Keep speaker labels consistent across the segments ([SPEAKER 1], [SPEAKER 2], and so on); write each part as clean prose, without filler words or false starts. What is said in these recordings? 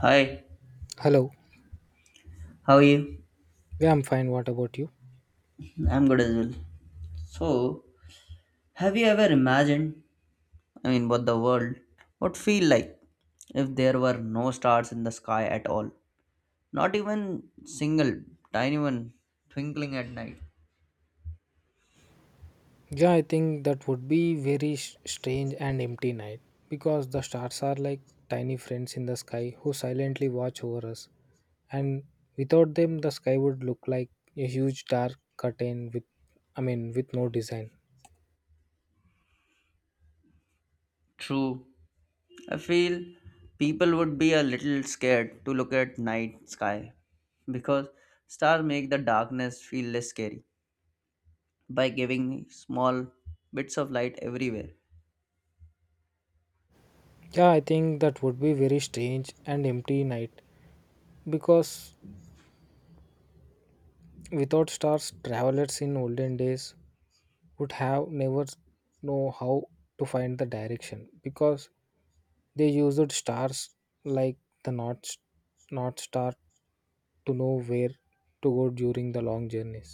[SPEAKER 1] Hi,
[SPEAKER 2] Hello.
[SPEAKER 1] how are you?
[SPEAKER 2] Yeah, I'm fine. What about you?
[SPEAKER 1] I'm good as well. So, have you ever imagined, I mean, what the world would feel like if there were no stars in the sky at all? Not even single tiny one twinkling at night.
[SPEAKER 2] Yeah, I think that would be very strange and empty night because the stars are like tiny friends in the sky who silently watch over us. And without them, the sky would look like a huge dark curtain with no design.
[SPEAKER 1] True, I feel people would be a little scared to look at night sky because stars make the darkness feel less scary by giving small bits of light everywhere.
[SPEAKER 2] Yeah, I think that would be very strange and empty night because without stars, travelers in olden days would have never know how to find the direction because they used stars like the North Star to know where to go during the long journeys.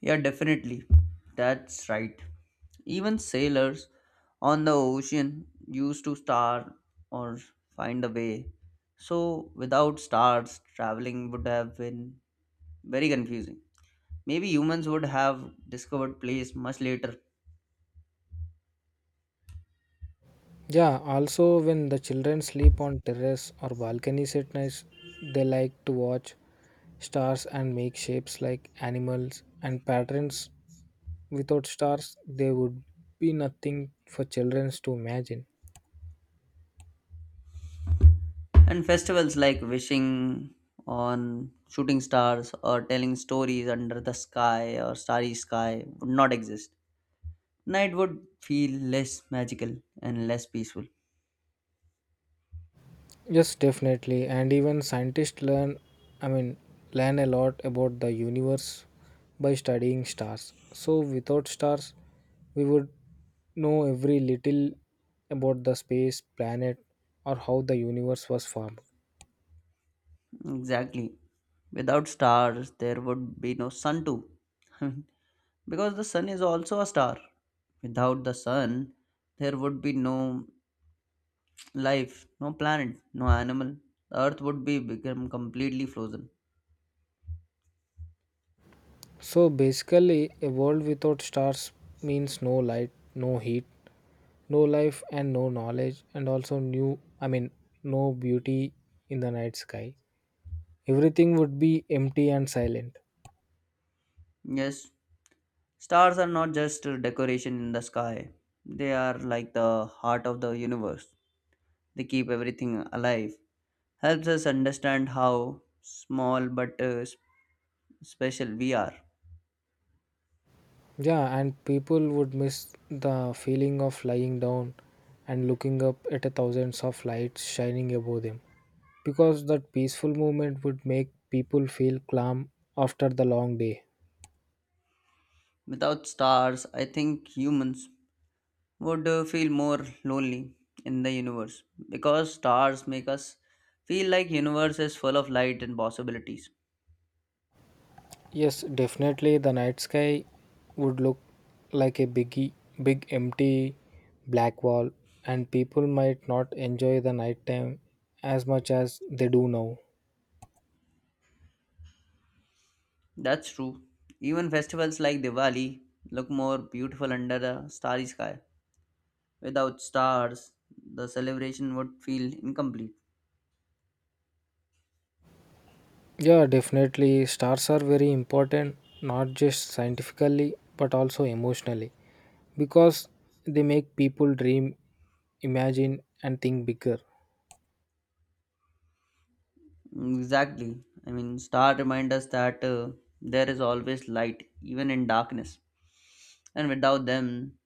[SPEAKER 1] Yeah, definitely. That's right. Even sailors on the ocean used to star or find a way. So, without stars, traveling would have been very confusing. Maybe humans would have discovered place much later.
[SPEAKER 2] Yeah, also when the children sleep on terrace or balconies at night, they like to watch stars and make shapes like animals and patterns. Without stars, there would be nothing for children to imagine.
[SPEAKER 1] And festivals like wishing on shooting stars or telling stories under the sky or starry sky would not exist. Night would feel less magical and less peaceful.
[SPEAKER 2] Yes, definitely. And even scientists I mean, learn a lot about the universe by studying stars. So, without stars, we would know every little about the space, planet, or how the universe was formed.
[SPEAKER 1] Exactly. Without stars, there would be no sun too. Because the sun is also a star. Without the sun, there would be no life, no planet, no animal. The earth would be become completely frozen.
[SPEAKER 2] So, basically, a world without stars means no light, no heat, no life, and no knowledge, and also no beauty in the night sky. Everything would be empty and silent.
[SPEAKER 1] Yes, stars are not just a decoration in the sky. They are like the heart of the universe. They keep everything alive. Helps us understand how small but special we are.
[SPEAKER 2] Yeah, and people would miss the feeling of lying down and looking up at a thousands of lights shining above them because that peaceful moment would make people feel calm after the long day.
[SPEAKER 1] Without stars, I think humans would feel more lonely in the universe because stars make us feel like universe is full of light and possibilities.
[SPEAKER 2] Yes, definitely the night sky would look like a big empty black wall, and people might not enjoy the nighttime as much as they do now.
[SPEAKER 1] That's true. Even festivals like Diwali look more beautiful under a starry sky. Without stars, the celebration would feel incomplete.
[SPEAKER 2] Yeah, definitely. Stars are very important, not just scientifically, but also emotionally, because they make people dream, imagine, and think bigger.
[SPEAKER 1] Exactly. I mean, star remind us that there is always light, even in darkness. And without them,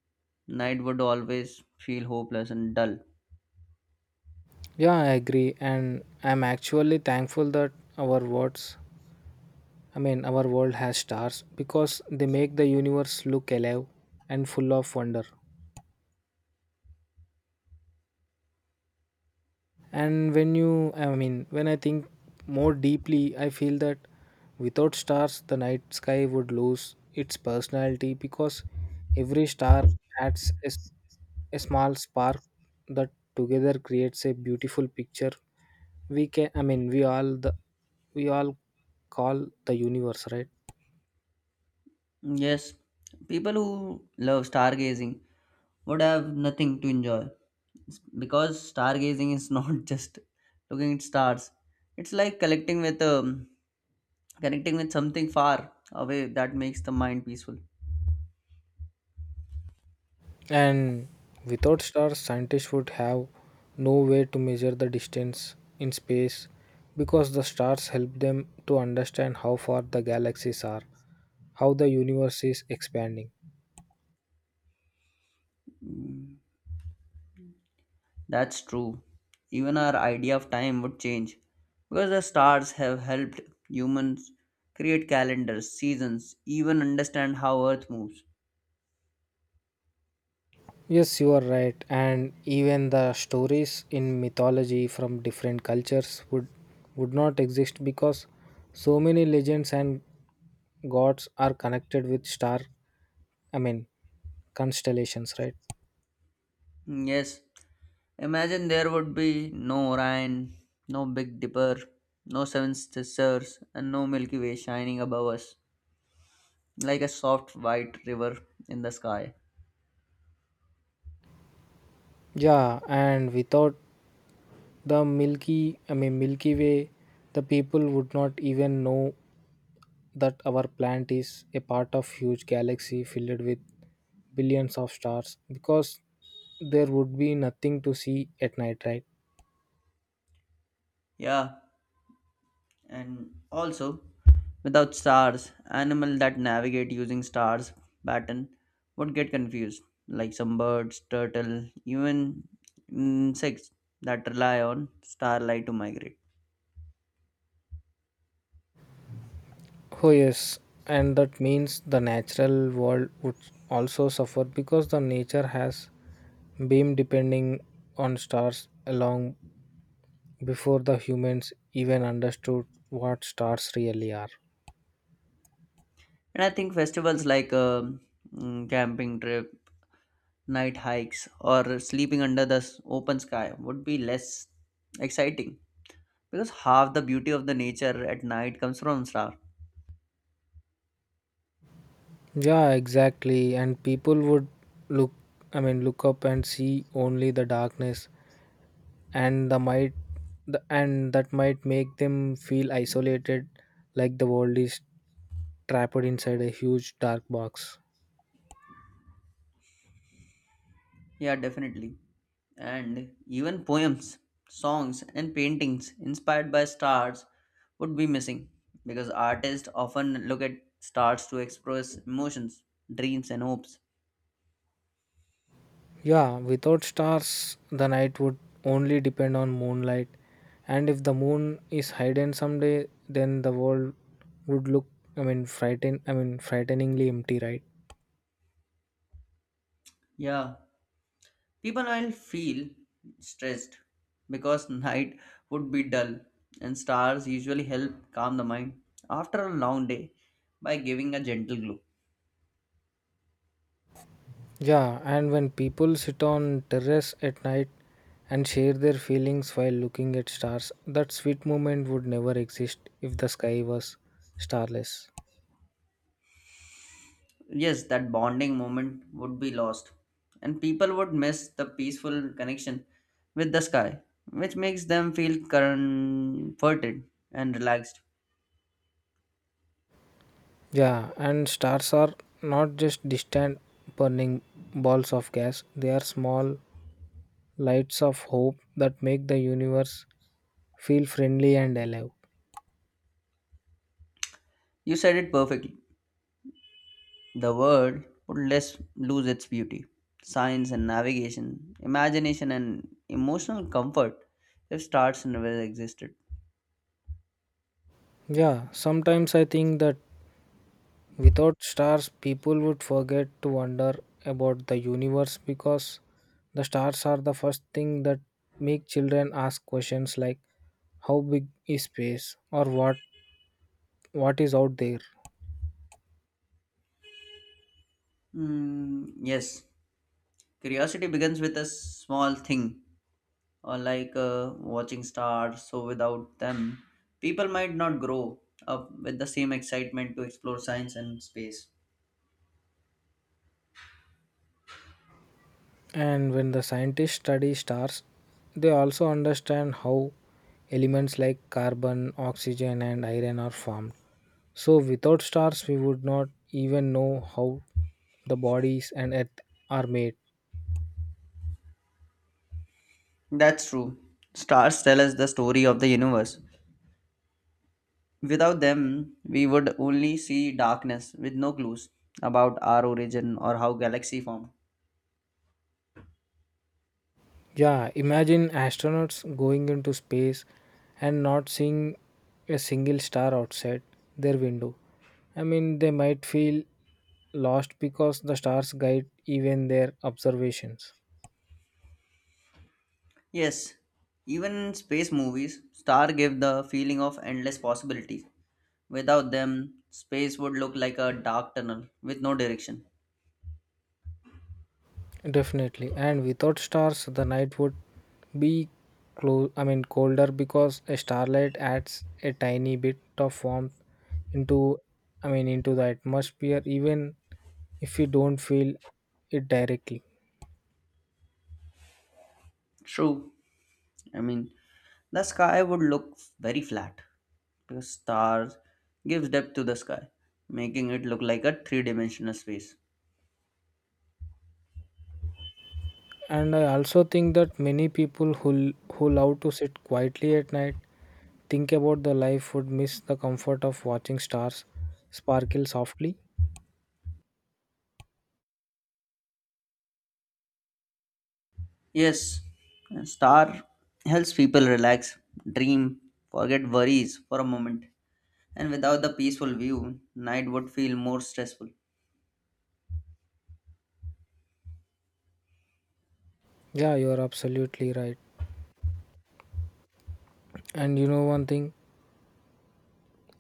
[SPEAKER 1] night would always feel hopeless and dull.
[SPEAKER 2] Yeah, I agree. And I'm actually thankful that our worlds, our world has stars because they make the universe look alive and full of wonder. And when I think more deeply, I feel that without stars, the night sky would lose its personality because every star adds a small spark that together creates a beautiful picture. We can, I mean, we all the we all call the universe, right?
[SPEAKER 1] Yes, people who love stargazing would have nothing to enjoy because stargazing is not just looking at stars. It's like collecting with connecting with something far away that makes the mind peaceful.
[SPEAKER 2] And without stars, scientists would have no way to measure the distance in space because the stars help them to understand how far the galaxies are, how the universe is expanding.
[SPEAKER 1] That's true. Even our idea of time would change because the stars have helped humans create calendars, seasons, even understand how Earth moves.
[SPEAKER 2] Yes, you are right. And even the stories in mythology from different cultures would not exist because so many legends and gods are connected with I mean, constellations, right?
[SPEAKER 1] Yes, imagine there would be no Orion, no Big Dipper, no Seven Sisters, and no Milky Way shining above us like a soft white river in the sky.
[SPEAKER 2] Yeah, and without the milky I mean milky way, the people would not even know that our planet is a part of huge galaxy filled with billions of stars because there would be nothing to see at night, right?
[SPEAKER 1] Yeah, and also without stars animals that navigate using stars pattern would get confused like some birds turtle even insects that rely on starlight to migrate.
[SPEAKER 2] Oh yes, and that means the natural world would also suffer because the nature has been depending on stars long before the humans even understood what stars really are.
[SPEAKER 1] And I think festivals like camping trip night hikes or sleeping under the open sky would be less exciting because half the beauty of the nature at night comes from stars.
[SPEAKER 2] Yeah, exactly. And people would look, look up and see only the darkness, and the might, and that might make them feel isolated, like the world is trapped inside a huge dark box.
[SPEAKER 1] Yeah, definitely. And even poems, songs, and paintings inspired by stars would be missing because artists often look at stars to express emotions, dreams, and hopes.
[SPEAKER 2] Yeah, without stars, the night would only depend on moonlight, and if the moon is hidden someday, then the world would look, I mean, frighten, I mean, frighteningly empty, right?
[SPEAKER 1] Yeah, people will feel stressed because night would be dull, and stars usually help calm the mind after a long day by giving a gentle glow.
[SPEAKER 2] Yeah, and when people sit on terrace at night and share their feelings while looking at stars, that sweet moment would never exist if the sky was starless.
[SPEAKER 1] Yes, that bonding moment would be lost and people would miss the peaceful connection with the sky which makes them feel comforted and relaxed.
[SPEAKER 2] Yeah, and stars are not just distant burning balls of gas, they are small lights of hope that make the universe feel friendly and alive.
[SPEAKER 1] You said it perfectly. The world would less lose its beauty, science and navigation, imagination and emotional comfort if stars never existed.
[SPEAKER 2] Yeah, sometimes I think that without stars, people would forget to wonder about the universe because the stars are the first thing that make children ask questions like how big is space or what is out there.
[SPEAKER 1] Yes, curiosity begins with a small thing or like watching stars. So without them, people might not grow up with the same excitement to explore science and space.
[SPEAKER 2] And when the scientists study stars, they also understand how elements like carbon, oxygen and iron are formed. So without stars, we would not even know how the bodies and earth are made.
[SPEAKER 1] That's true. Stars tell us the story of the universe. Without them, we would only see darkness with no clues about our origin or how galaxy formed.
[SPEAKER 2] Yeah, imagine astronauts going into space and not seeing a single star outside their window. I mean, they might feel lost because the stars guide even their observations.
[SPEAKER 1] Yes, even in space movies, star give the feeling of endless possibilities. Without them, space would look like a dark tunnel with no direction.
[SPEAKER 2] Definitely. And without stars, the night would be colder because a starlight adds a tiny bit of warmth into, into the atmosphere, even if we don't feel it directly.
[SPEAKER 1] True. I mean, the sky would look very flat because stars gives depth to the sky, making it look like a three-dimensional space.
[SPEAKER 2] And I also think that many people who love to sit quietly at night, think about the life, would miss the comfort of watching stars sparkle softly.
[SPEAKER 1] Yes, a star helps people relax, dream, forget worries for a moment. And without the peaceful view, night would feel more stressful.
[SPEAKER 2] Yeah, you're absolutely right. And you know one thing,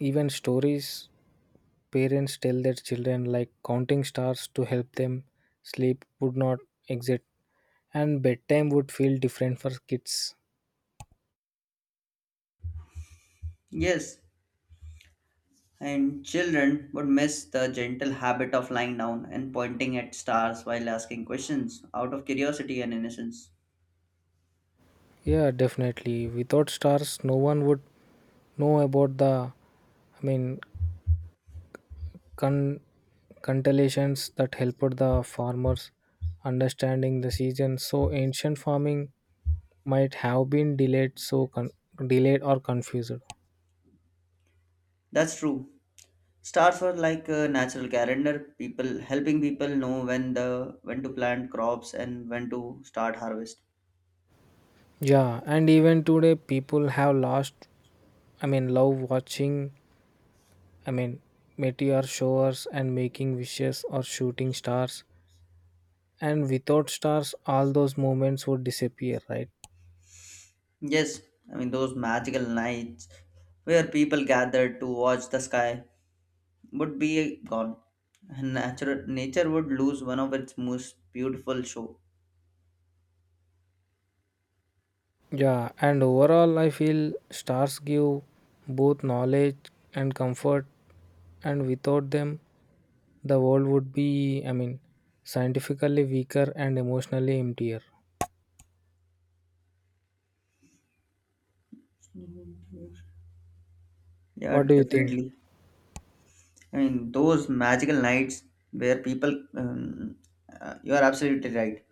[SPEAKER 2] even stories parents tell their children, like counting stars to help them sleep, would not exist. And bedtime would feel different for kids.
[SPEAKER 1] Yes, and children would miss the gentle habit of lying down and pointing at stars while asking questions out of curiosity and innocence.
[SPEAKER 2] Yeah, definitely. Without stars, no one would know about the, I mean, con- constellations that helped the farmers understanding the season. So ancient farming might have been delayed or confused.
[SPEAKER 1] That's true. Stars were like a natural calendar, people helping people know when to plant crops and when to start harvest.
[SPEAKER 2] Yeah, and even today people have love I mean, meteor showers and making wishes or shooting stars. And without stars, all those moments would disappear, right?
[SPEAKER 1] Yes, I mean those magical nights where people gathered to watch the sky would be gone. And natural nature would lose one of its most beautiful show.
[SPEAKER 2] Yeah, and overall, I feel stars give both knowledge and comfort, and without them, the world would be scientifically weaker and emotionally emptier.
[SPEAKER 1] Yeah,
[SPEAKER 2] What do you think?
[SPEAKER 1] definitely. I mean, those magical nights where um, you are absolutely right.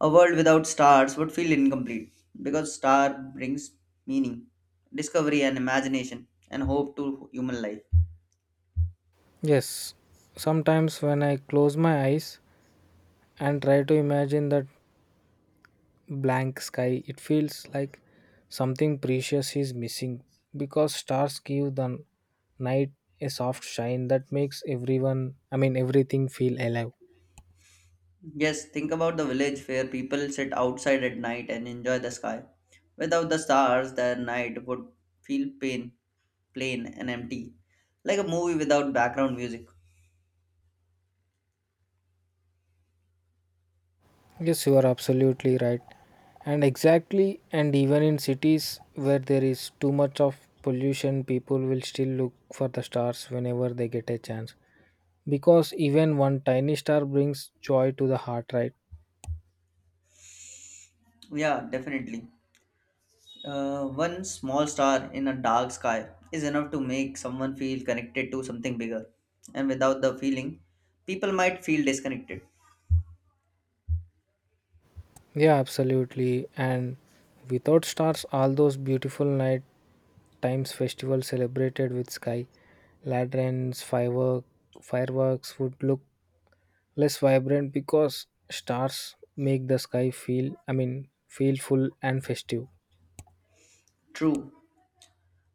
[SPEAKER 1] A world without stars would feel incomplete because star brings meaning, discovery and imagination and hope to human life.
[SPEAKER 2] Yes, sometimes when I close my eyes and try to imagine that blank sky, it feels like something precious is missing because stars give the night a soft shine that makes everything feel alive.
[SPEAKER 1] Yes, think about the village where people sit outside at night and enjoy the sky. Without the stars, their night would feel plain and empty, like a movie without background music.
[SPEAKER 2] Yes, you are absolutely right. And exactly, and even in cities where there is too much of pollution, people will still look for the stars whenever they get a chance. Because even one tiny star brings joy to the heart, right?
[SPEAKER 1] Yeah, definitely. One small star in a dark sky is enough to make someone feel connected to something bigger, and without the feeling, people might feel disconnected.
[SPEAKER 2] Yeah, absolutely. And without stars, all those beautiful night times festivals celebrated with sky, lanterns, fireworks would look less vibrant because stars make the sky feel I mean feel full and festive.
[SPEAKER 1] True,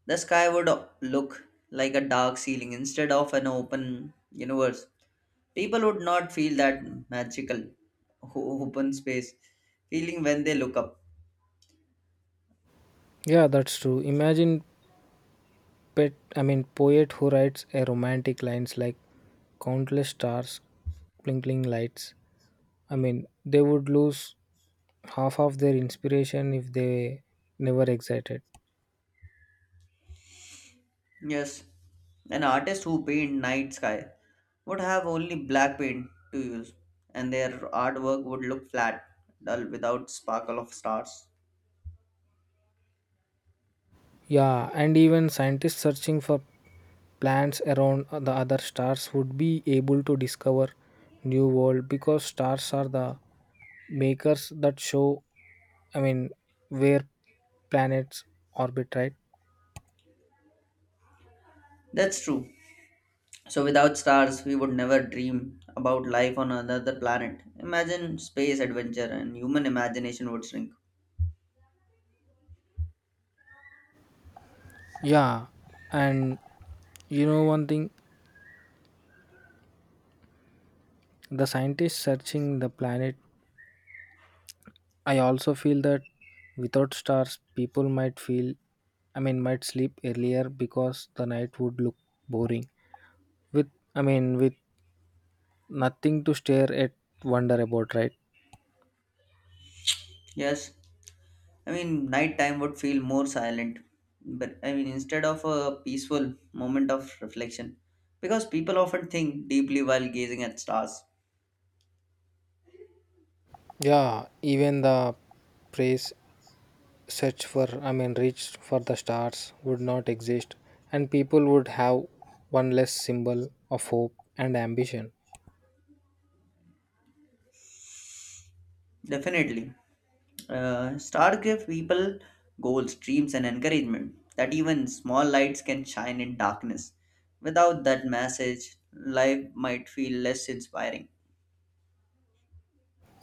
[SPEAKER 1] the sky would look like a dark ceiling instead of an open universe. People would not feel that magical open space feeling when they look up.
[SPEAKER 2] Yeah, that's true. Imagine pet I mean poet who writes a romantic lines like countless stars twinkling lights. I mean, they would lose half of their inspiration if they never excited.
[SPEAKER 1] Yes, an artist who paint night sky would have only black paint to use, and their artwork would look flat, dull, without sparkle of stars.
[SPEAKER 2] Yeah, and even scientists searching for planets around the other stars would be able to discover new world because stars are the makers that show I mean where planets orbit, right?
[SPEAKER 1] That's true. So without stars, we would never dream about life on another planet. Imagine space adventure, and human imagination would shrink.
[SPEAKER 2] Yeah, and you know one thing, the scientists searching the planet, I also feel that without stars people might feel I mean might sleep earlier because the night would look boring with I mean with nothing to stare at wonder about, right?
[SPEAKER 1] Yes, I mean nighttime would feel more silent, but I mean instead of a peaceful moment of reflection, because people often think deeply while gazing at stars.
[SPEAKER 2] Yeah, even the praise search for I mean reach for the stars would not exist and people would have one less symbol of hope and ambition.
[SPEAKER 1] Definitely. Star give people goals, dreams, and encouragement that even small lights can shine in darkness. Without that message, life might feel less inspiring.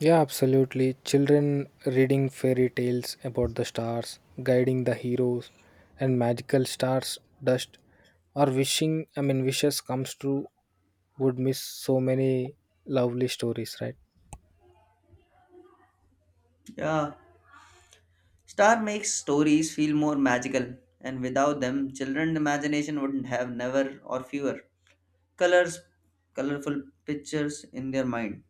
[SPEAKER 2] Yeah, absolutely. Children reading fairy tales about the stars guiding the heroes and magical stars dust or wishing I mean wishes comes true would miss so many lovely stories, right?
[SPEAKER 1] Yeah, star makes stories feel more magical, and without them, children's imagination wouldn't have never or fewer colors, colorful pictures in their mind.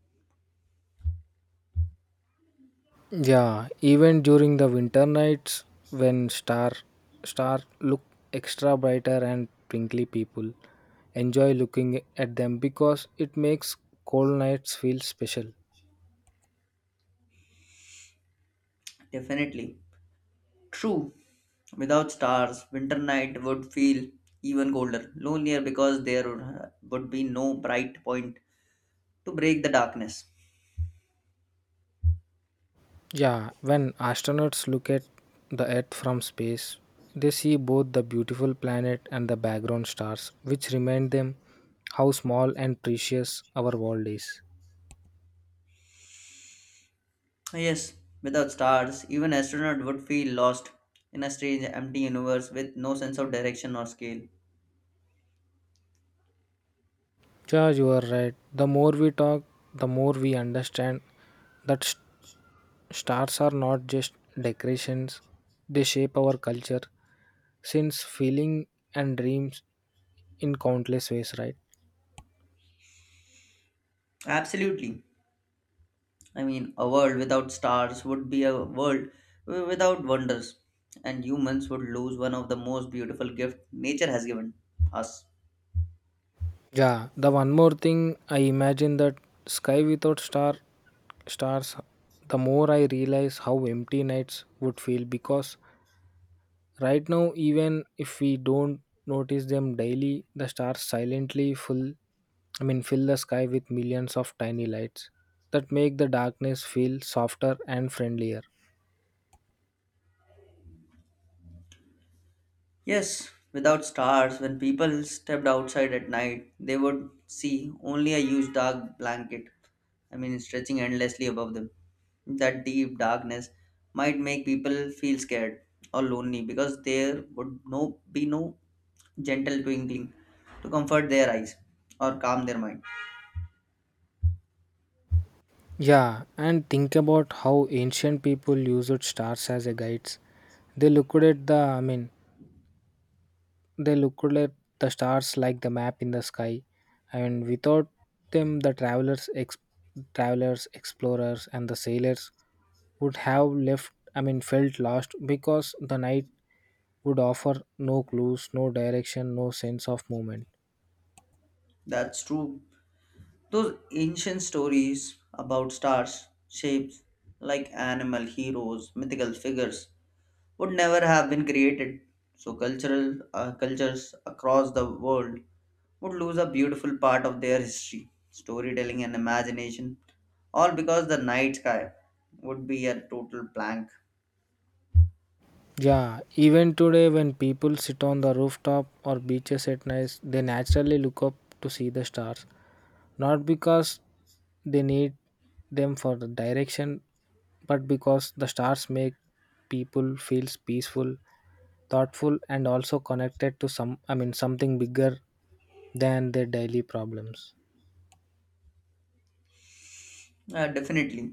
[SPEAKER 2] Yeah, even during the winter nights when star look extra brighter and twinkly, people enjoy looking at them because it makes cold nights feel special.
[SPEAKER 1] Definitely. True, without stars, winter night would feel even colder, lonelier because there would be no bright point to break the darkness.
[SPEAKER 2] Yeah, when astronauts look at the earth from space, they see both the beautiful planet and the background stars, which remind them how small and precious our world is.
[SPEAKER 1] Yes, without stars, even astronaut would feel lost in a strange, empty universe with no sense of direction or scale.
[SPEAKER 2] Yeah, you are right. The more we talk, the more we understand that stars are not just decorations, they shape our culture, since feeling and dreams in countless ways, right?
[SPEAKER 1] Absolutely. I mean, a world without stars would be a world without wonders, and humans would lose one of the most beautiful gifts nature has given us.
[SPEAKER 2] Yeah, the one more thing I imagine that sky without star stars, the more I realize how empty nights would feel because right now even if we don't notice them daily, the stars silently full I mean fill the sky with millions of tiny lights that make the darkness feel softer and friendlier.
[SPEAKER 1] Yes, without stars, when people stepped outside at night, they would see only a huge dark blanket, I mean, stretching endlessly above them. That deep darkness might make people feel scared or lonely because there would be no gentle twinkling to comfort their eyes or calm their mind.
[SPEAKER 2] Yeah, and think about how ancient people used stars as a guides. They looked at the, I mean, they looked at the stars like the map in the sky. I mean, without them, travelers, explorers, and the sailors would have felt lost because the night would offer no clues, no direction, no sense of movement.
[SPEAKER 1] That's true. Those ancient stories about stars, shapes like animal heroes, mythical figures, would never have been created. So cultural cultures across the world would lose a beautiful part of their history, storytelling and imagination, all because the night sky would be a total blank.
[SPEAKER 2] Yeah, even today when people sit on the rooftop or beaches at night, they naturally look up to see the stars, not because they need them for the direction, but because the stars make people feels peaceful, thoughtful and also connected to something bigger than their daily problems.
[SPEAKER 1] Definitely.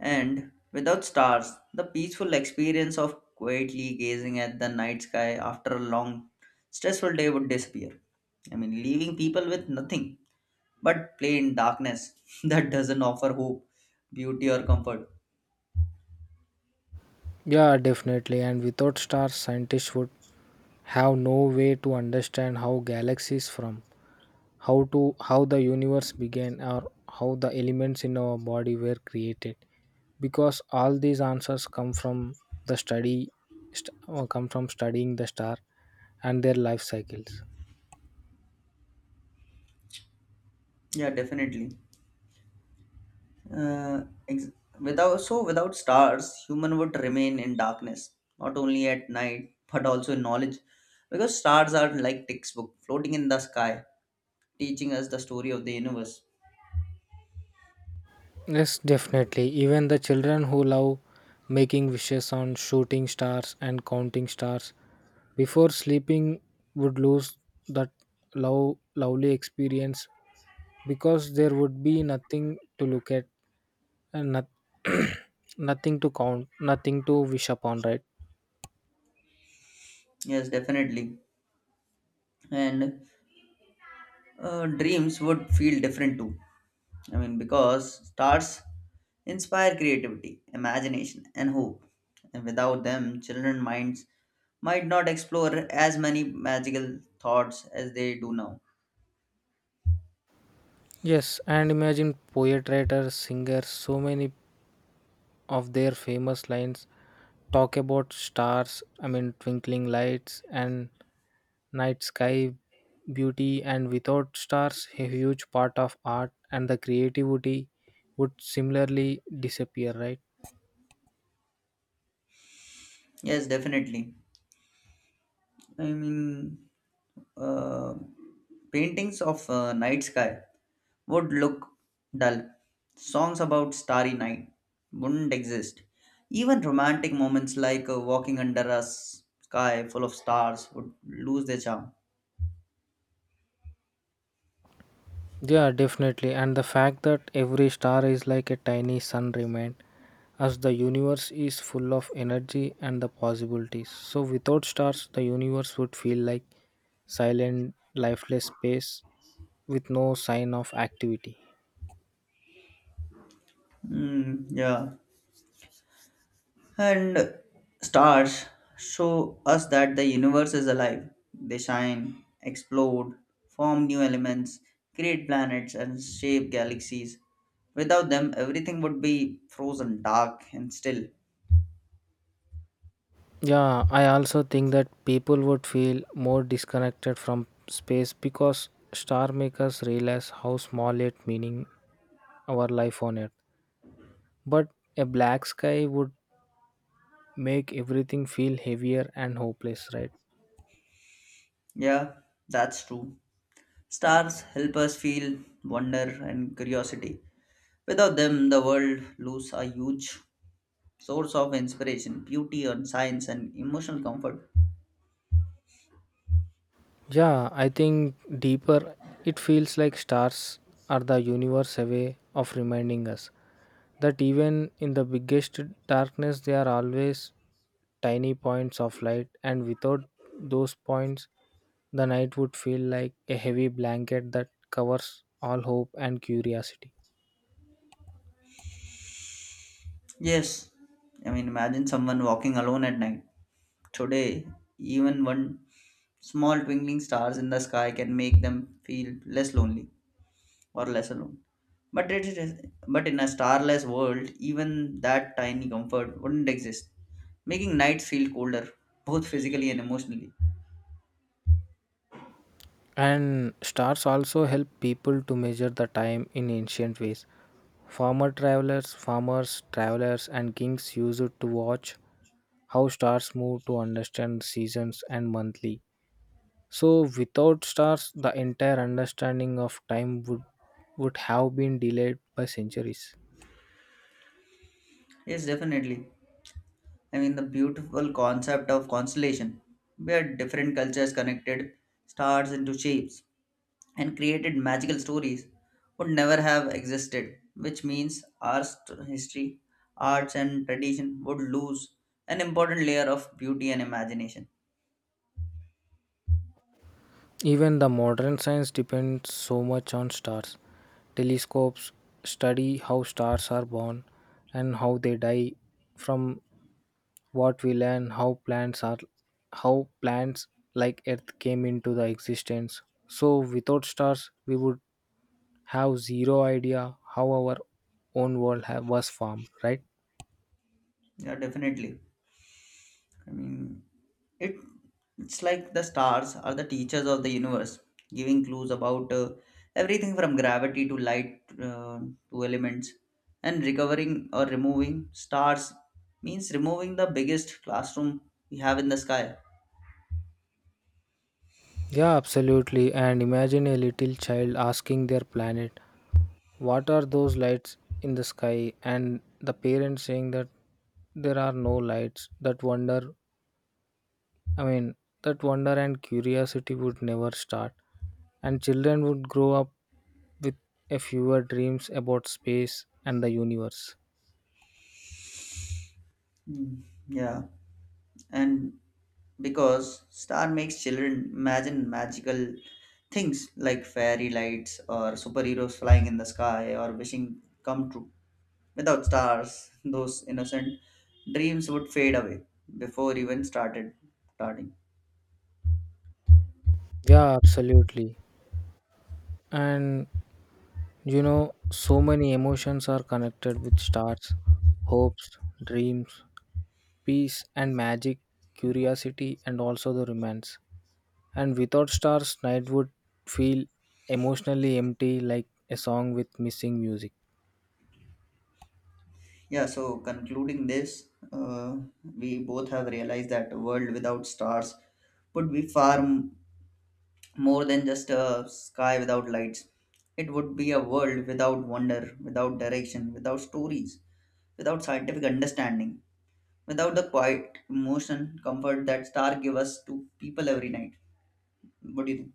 [SPEAKER 1] And without stars, the peaceful experience of quietly gazing at the night sky after a long, stressful day would disappear. I mean, leaving people with nothing but plain darkness that doesn't offer hope, beauty, or comfort.
[SPEAKER 2] Yeah, definitely. And without stars, scientists would have no way to understand how galaxies form, how the universe began or how the elements in our body were created because all these answers come from the study come from studying the star and their life cycles.
[SPEAKER 1] Yeah, definitely. Uh, ex- without so without stars, human would remain in darkness, not only at night but also in knowledge, because stars are like textbook floating in the sky, teaching us the story of the universe.
[SPEAKER 2] Yes, definitely. Even the children who love making wishes on shooting stars and counting stars before sleeping would lose that lovely experience because there would be nothing to look at and not, nothing to count, nothing to wish upon, right?
[SPEAKER 1] Yes, definitely. And dreams would feel different too. I mean, because stars inspire creativity, imagination, and hope. And without them, children minds might not explore as many magical thoughts as they do now.
[SPEAKER 2] Yes, and imagine poet writers, singers, so many of their famous lines talk about stars, I mean, twinkling lights and night sky beauty, and without stars, a huge part of art and the creativity would similarly disappear, right?
[SPEAKER 1] Yes, definitely. I mean, uh, paintings of night sky would look dull. Songs about starry night wouldn't exist. Even romantic moments like walking under a sky full of stars would lose their charm.
[SPEAKER 2] Yeah, definitely. And the fact that every star is like a tiny sun remain as the universe is full of energy and the possibilities. So, without stars, the universe would feel like silent, lifeless space with no sign of activity.
[SPEAKER 1] Yeah. And stars show us that the universe is alive. They shine, explode, form new elements, create planets, and shape galaxies. Without them, everything would be frozen, dark, and still.
[SPEAKER 2] Yeah, I also think that people would feel more disconnected from space because star makers realize how small it meaning our life on Earth. But a black sky would make everything feel heavier and hopeless, right?
[SPEAKER 1] Yeah, that's true. Stars help us feel wonder and curiosity. Without them, the world loses a huge source of inspiration, beauty, and science, and emotional comfort.
[SPEAKER 2] Yeah, I think deeper it feels like stars are the universe away of reminding us that even in the biggest darkness they are always tiny points of light and without those points the night would feel like a heavy blanket that covers all hope and curiosity.
[SPEAKER 1] Yes, I mean, imagine someone walking alone at night today, even one small twinkling stars in the sky can make them feel less lonely or less alone. But it is, but in a starless world, even that tiny comfort wouldn't exist, making nights feel colder, both physically and emotionally.
[SPEAKER 2] And stars also help people to measure the time in ancient ways. Former travelers, and kings used to watch how stars move to understand seasons and monthly. So without stars, the entire understanding of time would have been delayed by centuries.
[SPEAKER 1] Yes, definitely. I mean, the beautiful concept of constellation, where different cultures connected stars into shapes and created magical stories would never have existed, which means our history, arts, and tradition would lose an important layer of beauty and imagination.
[SPEAKER 2] Even the modern science depends so much on stars. Telescopes study how stars are born and how they die, from what we learn how plants are how plants like earth came into the existence. So without stars we would have zero idea how our own world ha was formed, right?
[SPEAKER 1] Yeah, definitely. I mean, it it's like the stars are the teachers of the universe, giving clues about everything from gravity to light to elements. And recovering or removing stars means removing the biggest classroom we have in the sky.
[SPEAKER 2] Yeah, absolutely. And imagine a little child asking their planet, "What are those lights in the sky?" And the parents saying that there are no lights. I mean, that wonder and curiosity would never start. And children would grow up with a fewer dreams about space and the universe.
[SPEAKER 1] Mm, Yeah. And because star makes children imagine magical things like fairy lights or superheroes flying in the sky or wishing come true, without stars those innocent dreams would fade away before even started starting.
[SPEAKER 2] Yeah, absolutely. And you know, so many emotions are connected with stars, hopes, dreams, peace, and magic, curiosity, and also the romance. And without stars, night would feel emotionally empty like a song with missing music.
[SPEAKER 1] Yeah, so concluding this we both have realized that a world without stars would be far more than just a sky without lights. It would be a world without wonder, without direction, without stories, without scientific understanding, without the quiet emotion, comfort that star give us to people every night. What do you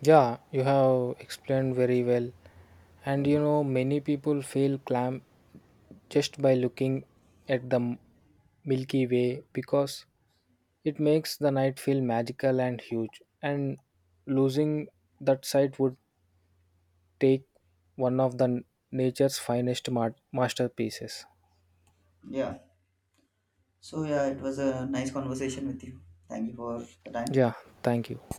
[SPEAKER 2] Yeah, you have explained very well. And you
[SPEAKER 1] think?
[SPEAKER 2] know, many people feel clam just by looking at the Milky Way because it makes the night feel magical and huge. And losing that sight would take one of the masterpieces.
[SPEAKER 1] Yeah. So yeah, it was a nice conversation with you. Thank you for the time.
[SPEAKER 2] Yeah, thank you.